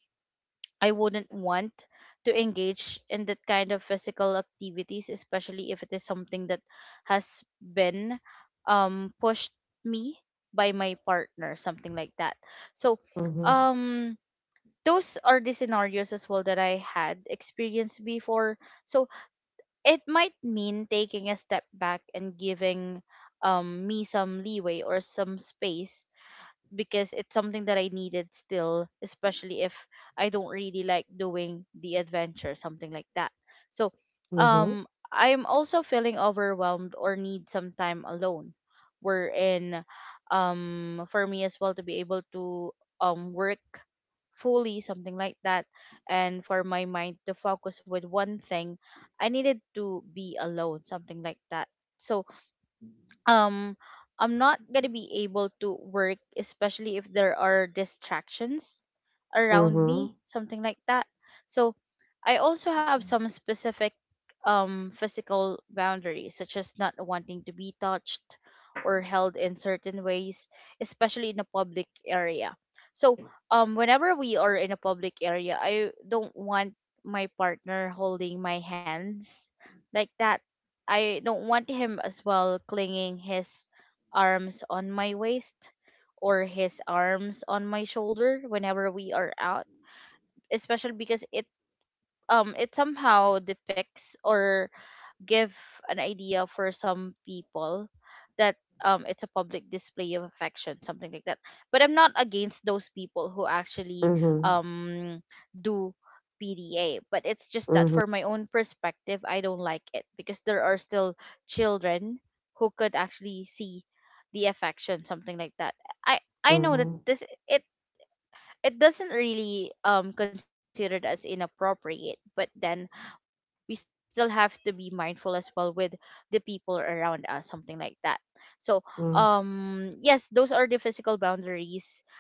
Speaker 2: I wouldn't want to engage in that kind of physical activities, especially if it is something that has been pushed me by my partner, something like that. So,
Speaker 1: Mhm.
Speaker 2: um those are the scenarios as well that I had experienced before. So it might mean taking a step back and giving me some leeway or some space because it's something that I needed still, especially if I don't really like doing the adventure, something like that. So,
Speaker 1: Mhm.
Speaker 2: I'm also feeling overwhelmed or need some time alone, wherein, for me as well to be able to work fully, something like that, and for my mind to focus with one thing, I needed to be alone, something like that. So, um I'm not gonna be able to work, especially if there are distractions around me,
Speaker 1: Mhm.
Speaker 2: something like that. So I also have some specific physical boundaries, such as not wanting to be touched or held in certain ways, especially in a public area. So, whenever we are in a public area, I don't want my partner holding my hands like that. I don't want him as well clinging his arms on my waist or his arms on my shoulder whenever we are out, especially because it somehow depicts or give an idea for some people that it's a public display of affection, something like that, but I'm not against those people who actually
Speaker 1: Mhm.
Speaker 2: um do PDA, but it's just that
Speaker 1: Mhm.
Speaker 2: for my own perspective I don't like it because there are still children who could actually see the affection, something like that. I know that
Speaker 1: Mhm.
Speaker 2: this it it doesn't really considered as inappropriate, but then we still have to be mindful as well with the people around us, something like that. So,
Speaker 1: Mhm.
Speaker 2: yes, those are the physical boundaries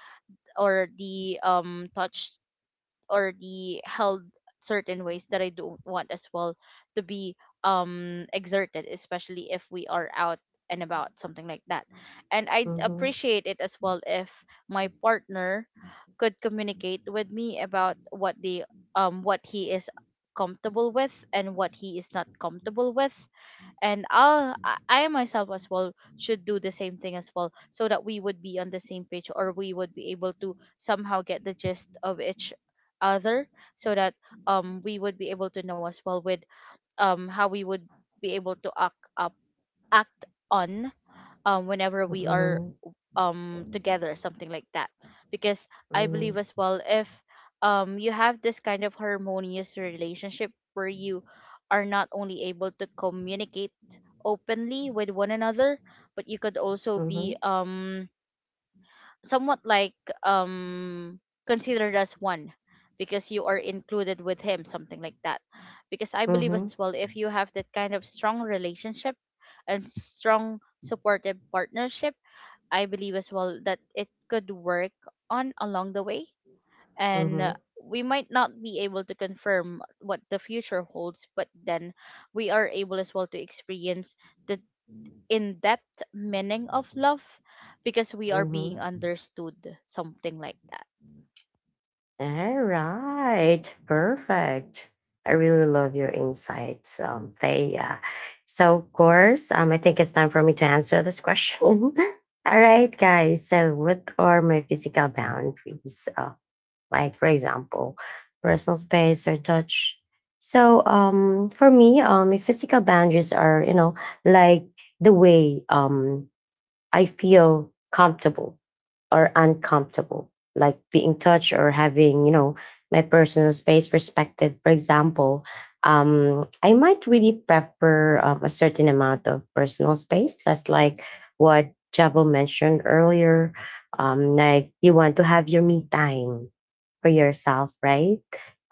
Speaker 2: or the touch already held certain ways that I don't want as well to be exerted, especially if we are out and about, something like that. And I'd
Speaker 1: Mhm.
Speaker 2: appreciate it as well if my partner could communicate with me about what he is comfortable with and what he is not comfortable with, and I myself as well should do the same thing as well, so that we would be on the same page or we would be able to somehow get the gist of each other, so that we would be able to know as well with how we would be able to act on, whenever we are
Speaker 1: Mhm.
Speaker 2: together, something like that. Because I believe as
Speaker 1: Mhm.
Speaker 2: well, if you have this kind of harmonious relationship where you are not only able to communicate openly with one another, but you could also be
Speaker 1: Mhm.
Speaker 2: somewhat like um considered as one, because you are included with him, something like that. Because I believe
Speaker 1: Mhm.
Speaker 2: as well, if you have that kind of strong relationship and strong supportive partnership, I believe as well that it could work on along the way. And
Speaker 1: Mhm.
Speaker 2: we might not be able to confirm what the future holds, but then we are able as well to experience the in depth meaning of love because we are being
Speaker 1: Mhm.
Speaker 2: understood, something like that.
Speaker 1: All right. Perfect. I really love your insights, Thea. So, of course, I think it's time for me to answer this question. All right, guys. So, what are my physical boundaries? Like, for example, personal space or touch. So for me, if physical boundaries are, like the way I feel comfortable or uncomfortable, like being touched or having, my personal space respected. For example, I might really prefer, a certain amount of personal space. That's like what Javel mentioned earlier. Like, you want to have your me time for yourself, right?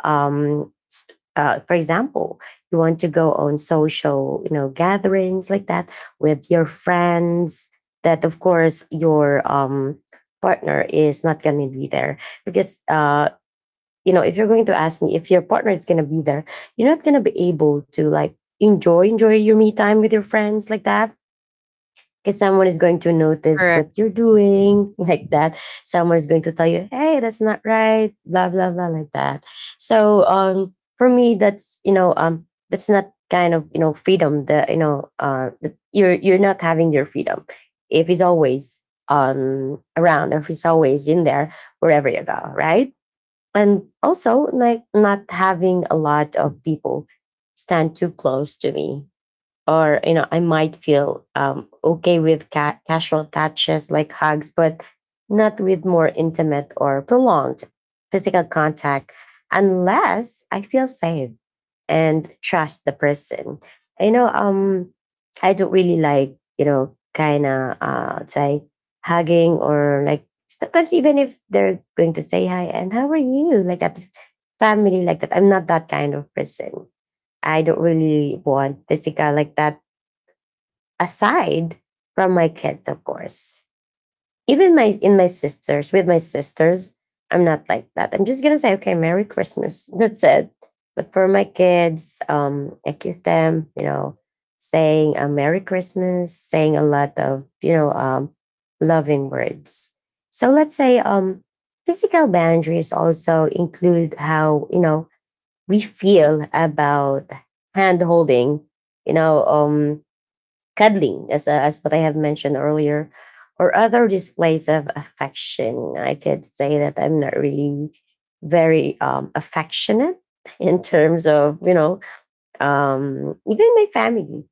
Speaker 1: Um, s- for example, you want to go on social, gatherings like that with your friends that, of course, your partner is not going to be there. Because if you're going to ask me, if your partner is going to be there, you're not going to be able to like enjoy your me time with your friends like that, because someone is going to notice what
Speaker 3: Correct.
Speaker 1: you're doing, like that. Someone is going to tell you, hey, that's not right, blah, blah, blah, like that. So for me, that's, that's not kind of, freedom that, that you're not having your freedom if he's always, around, if he's always in there, wherever you go, right? And also, like, not having a lot of people stand too close to me, or, I might feel okay with casual touches like hugs, but not with more intimate or prolonged physical contact unless I feel safe and trust the person. you know um I don't really like, kind of, say, hugging, or, like, sometimes even if they're going to say hi and how are you like that, family like that, I'm not that kind of person. I don't really want physical like that, aside from my kids, of course. Even my in my sisters, with my sisters, I'm not like that. I'm just gonna say, okay, Merry Christmas. That's it. But for my kids, I kiss them, saying a Merry Christmas, saying a lot of, loving words. So let's say, physical boundaries also include how, we feel about hand holding, you know, um cuddling, as what I have mentioned earlier, or other displays of affection. I could say that I'm not really very affectionate in terms of, even my family.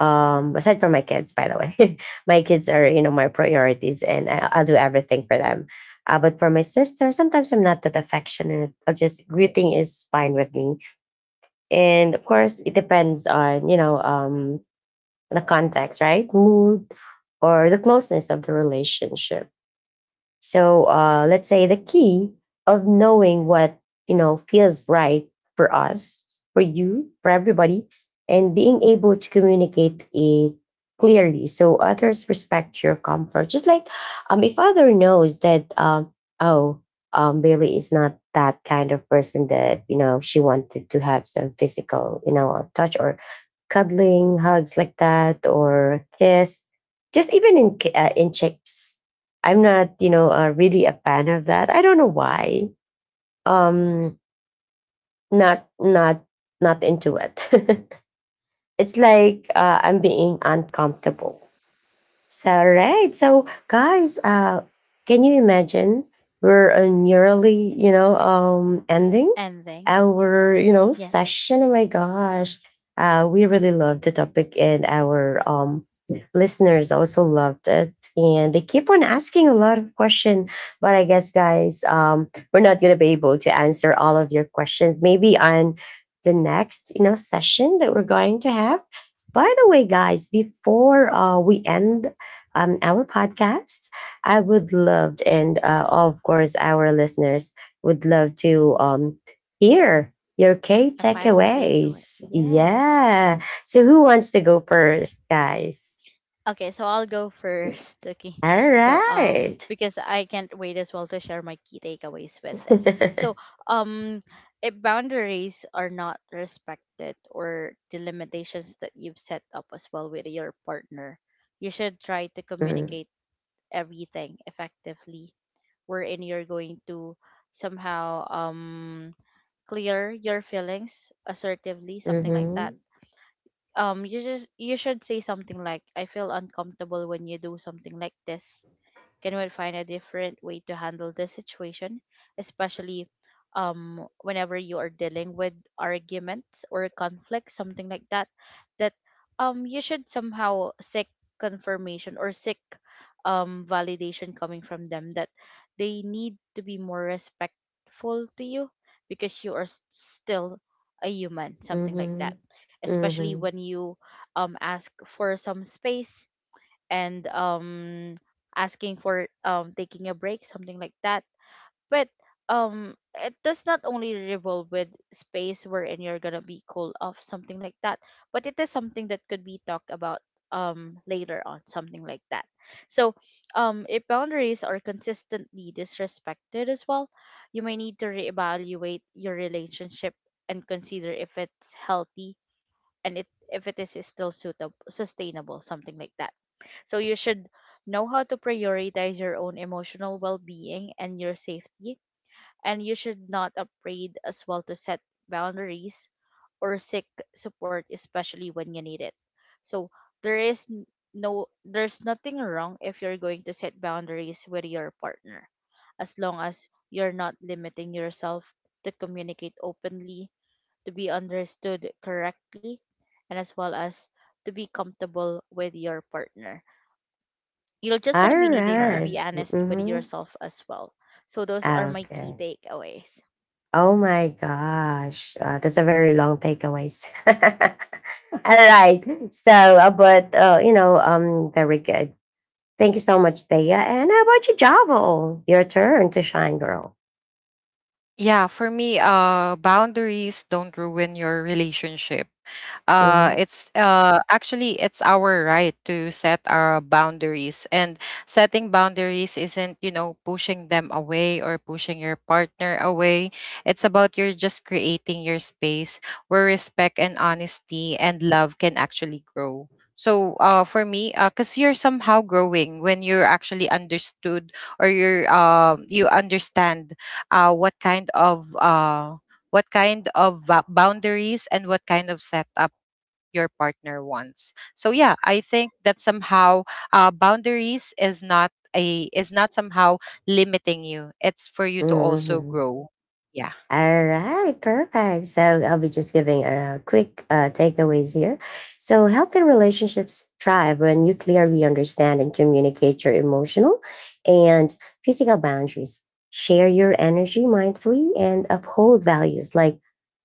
Speaker 1: Aside from my kids, by the way, my kids are, my priorities, and I'll do everything for them. But for my sister, sometimes I'm not that affectionate. I'll just greeting is fine with me. And of course, it depends on, the context, right? Mood or the closeness of the relationship. So let's say, the key of knowing what feels right for us, for you, for everybody, and being able to communicate it clearly so others respect your comfort. Just like, if other knows that, oh, Bailey is not that kind of person, that, she wanted to have some physical, touch or cuddling, hugs like that, or kiss, just even in in chicks. I'm not, really a fan of that. I don't know why. Um, not not not into it. It's like I'm being uncomfortable. So, all right. So, guys, can you imagine we're, nearly, ending
Speaker 2: Ending.
Speaker 1: our,
Speaker 2: Yes.
Speaker 1: session? Oh my gosh, we really loved the topic, and our listeners also loved it, and they keep on asking a lot of questions. But I guess, guys, we're not gonna be able to answer all of your questions. Maybe on the next, session that we're going to have. By the way, guys, before we end, our podcast, I would love, and, of course, our listeners would love to, hear your K
Speaker 2: A final takeaway.
Speaker 1: takeaways.
Speaker 2: Yes.
Speaker 1: Yeah. So, who wants to go first, guys?
Speaker 2: Okay, so I'll go first. Okay.
Speaker 1: All
Speaker 2: So,
Speaker 1: right.
Speaker 2: because I can't wait as well to share my key takeaways with this. So, if boundaries are not respected or the limitations that you've set up as well with your partner, you should try to
Speaker 1: Mm,
Speaker 2: communicate everything effectively, wherein you're going to somehow clear your feelings assertively, something like that.
Speaker 1: mhm,
Speaker 2: You just you should say something like, I feel uncomfortable when you do something like this, can we find a different way to handle this situation, especially whenever you are dealing with arguments or conflicts, something like that, that, you should somehow seek confirmation or seek, validation coming from them, that they need to be more respectful to you because you are s- still a human, something like
Speaker 1: mhm,
Speaker 2: that. Especially
Speaker 1: mhm.
Speaker 2: when you, ask for some space, and asking for taking a break, something like that. But it does not only revolve with space wherein you're gonna be cool off, something like that, but it is something that could be talked about later on, something like that. So, if boundaries are consistently disrespected as well, you may need to reevaluate your relationship and consider if it's healthy, and it if it is still suitable sustainable, something like that. So you should know how to prioritize your own emotional well-being and your safety, and you should not afraid as well to set boundaries or seek support, especially when you need it. So there is no there's nothing wrong if you're going to set boundaries with your partner, as long as you're not limiting yourself to communicate openly, to be understood correctly, and as well as to be comfortable with your partner. You're just going
Speaker 1: All
Speaker 2: to be needing to be
Speaker 1: right.
Speaker 2: honest with
Speaker 1: Mhm.
Speaker 2: yourself as well. So those are my key
Speaker 1: Okay.
Speaker 2: takeaways.
Speaker 1: Oh my gosh, that's a very long takeaways. All right, so but, very good. Thank you so much, Thea. And how about you, Javo? Your turn to shine, girl.
Speaker 3: Yeah, for me, boundaries don't ruin your relationship.
Speaker 1: Mm-hmm.
Speaker 3: It's, actually it's our right to set our boundaries, and setting boundaries isn't, you know, pushing them away or pushing your partner away. It's about, you're just creating your space where respect and honesty and love can actually grow. So for me, because you're somehow growing when you're actually understood, or you're, you understand, what kind of, what kind of boundaries, and what kind of setup your partner wants. So yeah, I think that somehow, boundaries is not, a is not somehow limiting you. It's for you to also
Speaker 1: Mm-hmm.
Speaker 3: grow. Yeah.
Speaker 1: All right, perfect. So I'll be just giving a quick takeaways here. So healthy relationships thrive when you clearly understand and communicate your emotional and physical boundaries. Share your energy mindfully and uphold values like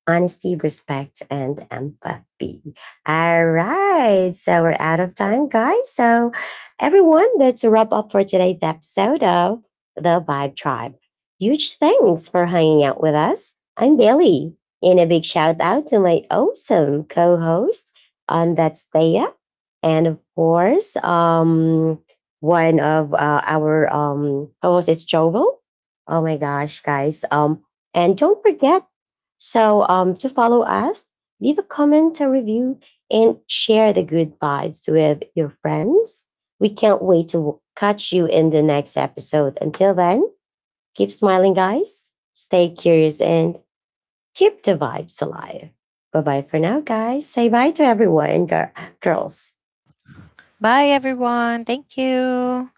Speaker 1: honesty, respect, and empathy. All right. So we're out of time, guys. So, everyone, that's a wrap up for today's episode of The Vibe Tribe. Huge thanks for hanging out with us. I'm Bailey. And a big shout out to my awesome co host, that's Thea. And of course, one of our co hosts is Joel. Oh my gosh, guys. And don't forget, so to follow us, leave a comment, a review, and share the good vibes with your friends. We can't wait to catch you in the next episode. Until then, keep smiling, guys. Stay curious and keep the vibes alive. Bye bye for now, guys. Say bye to everyone, girls.
Speaker 3: Bye, everyone. Thank you.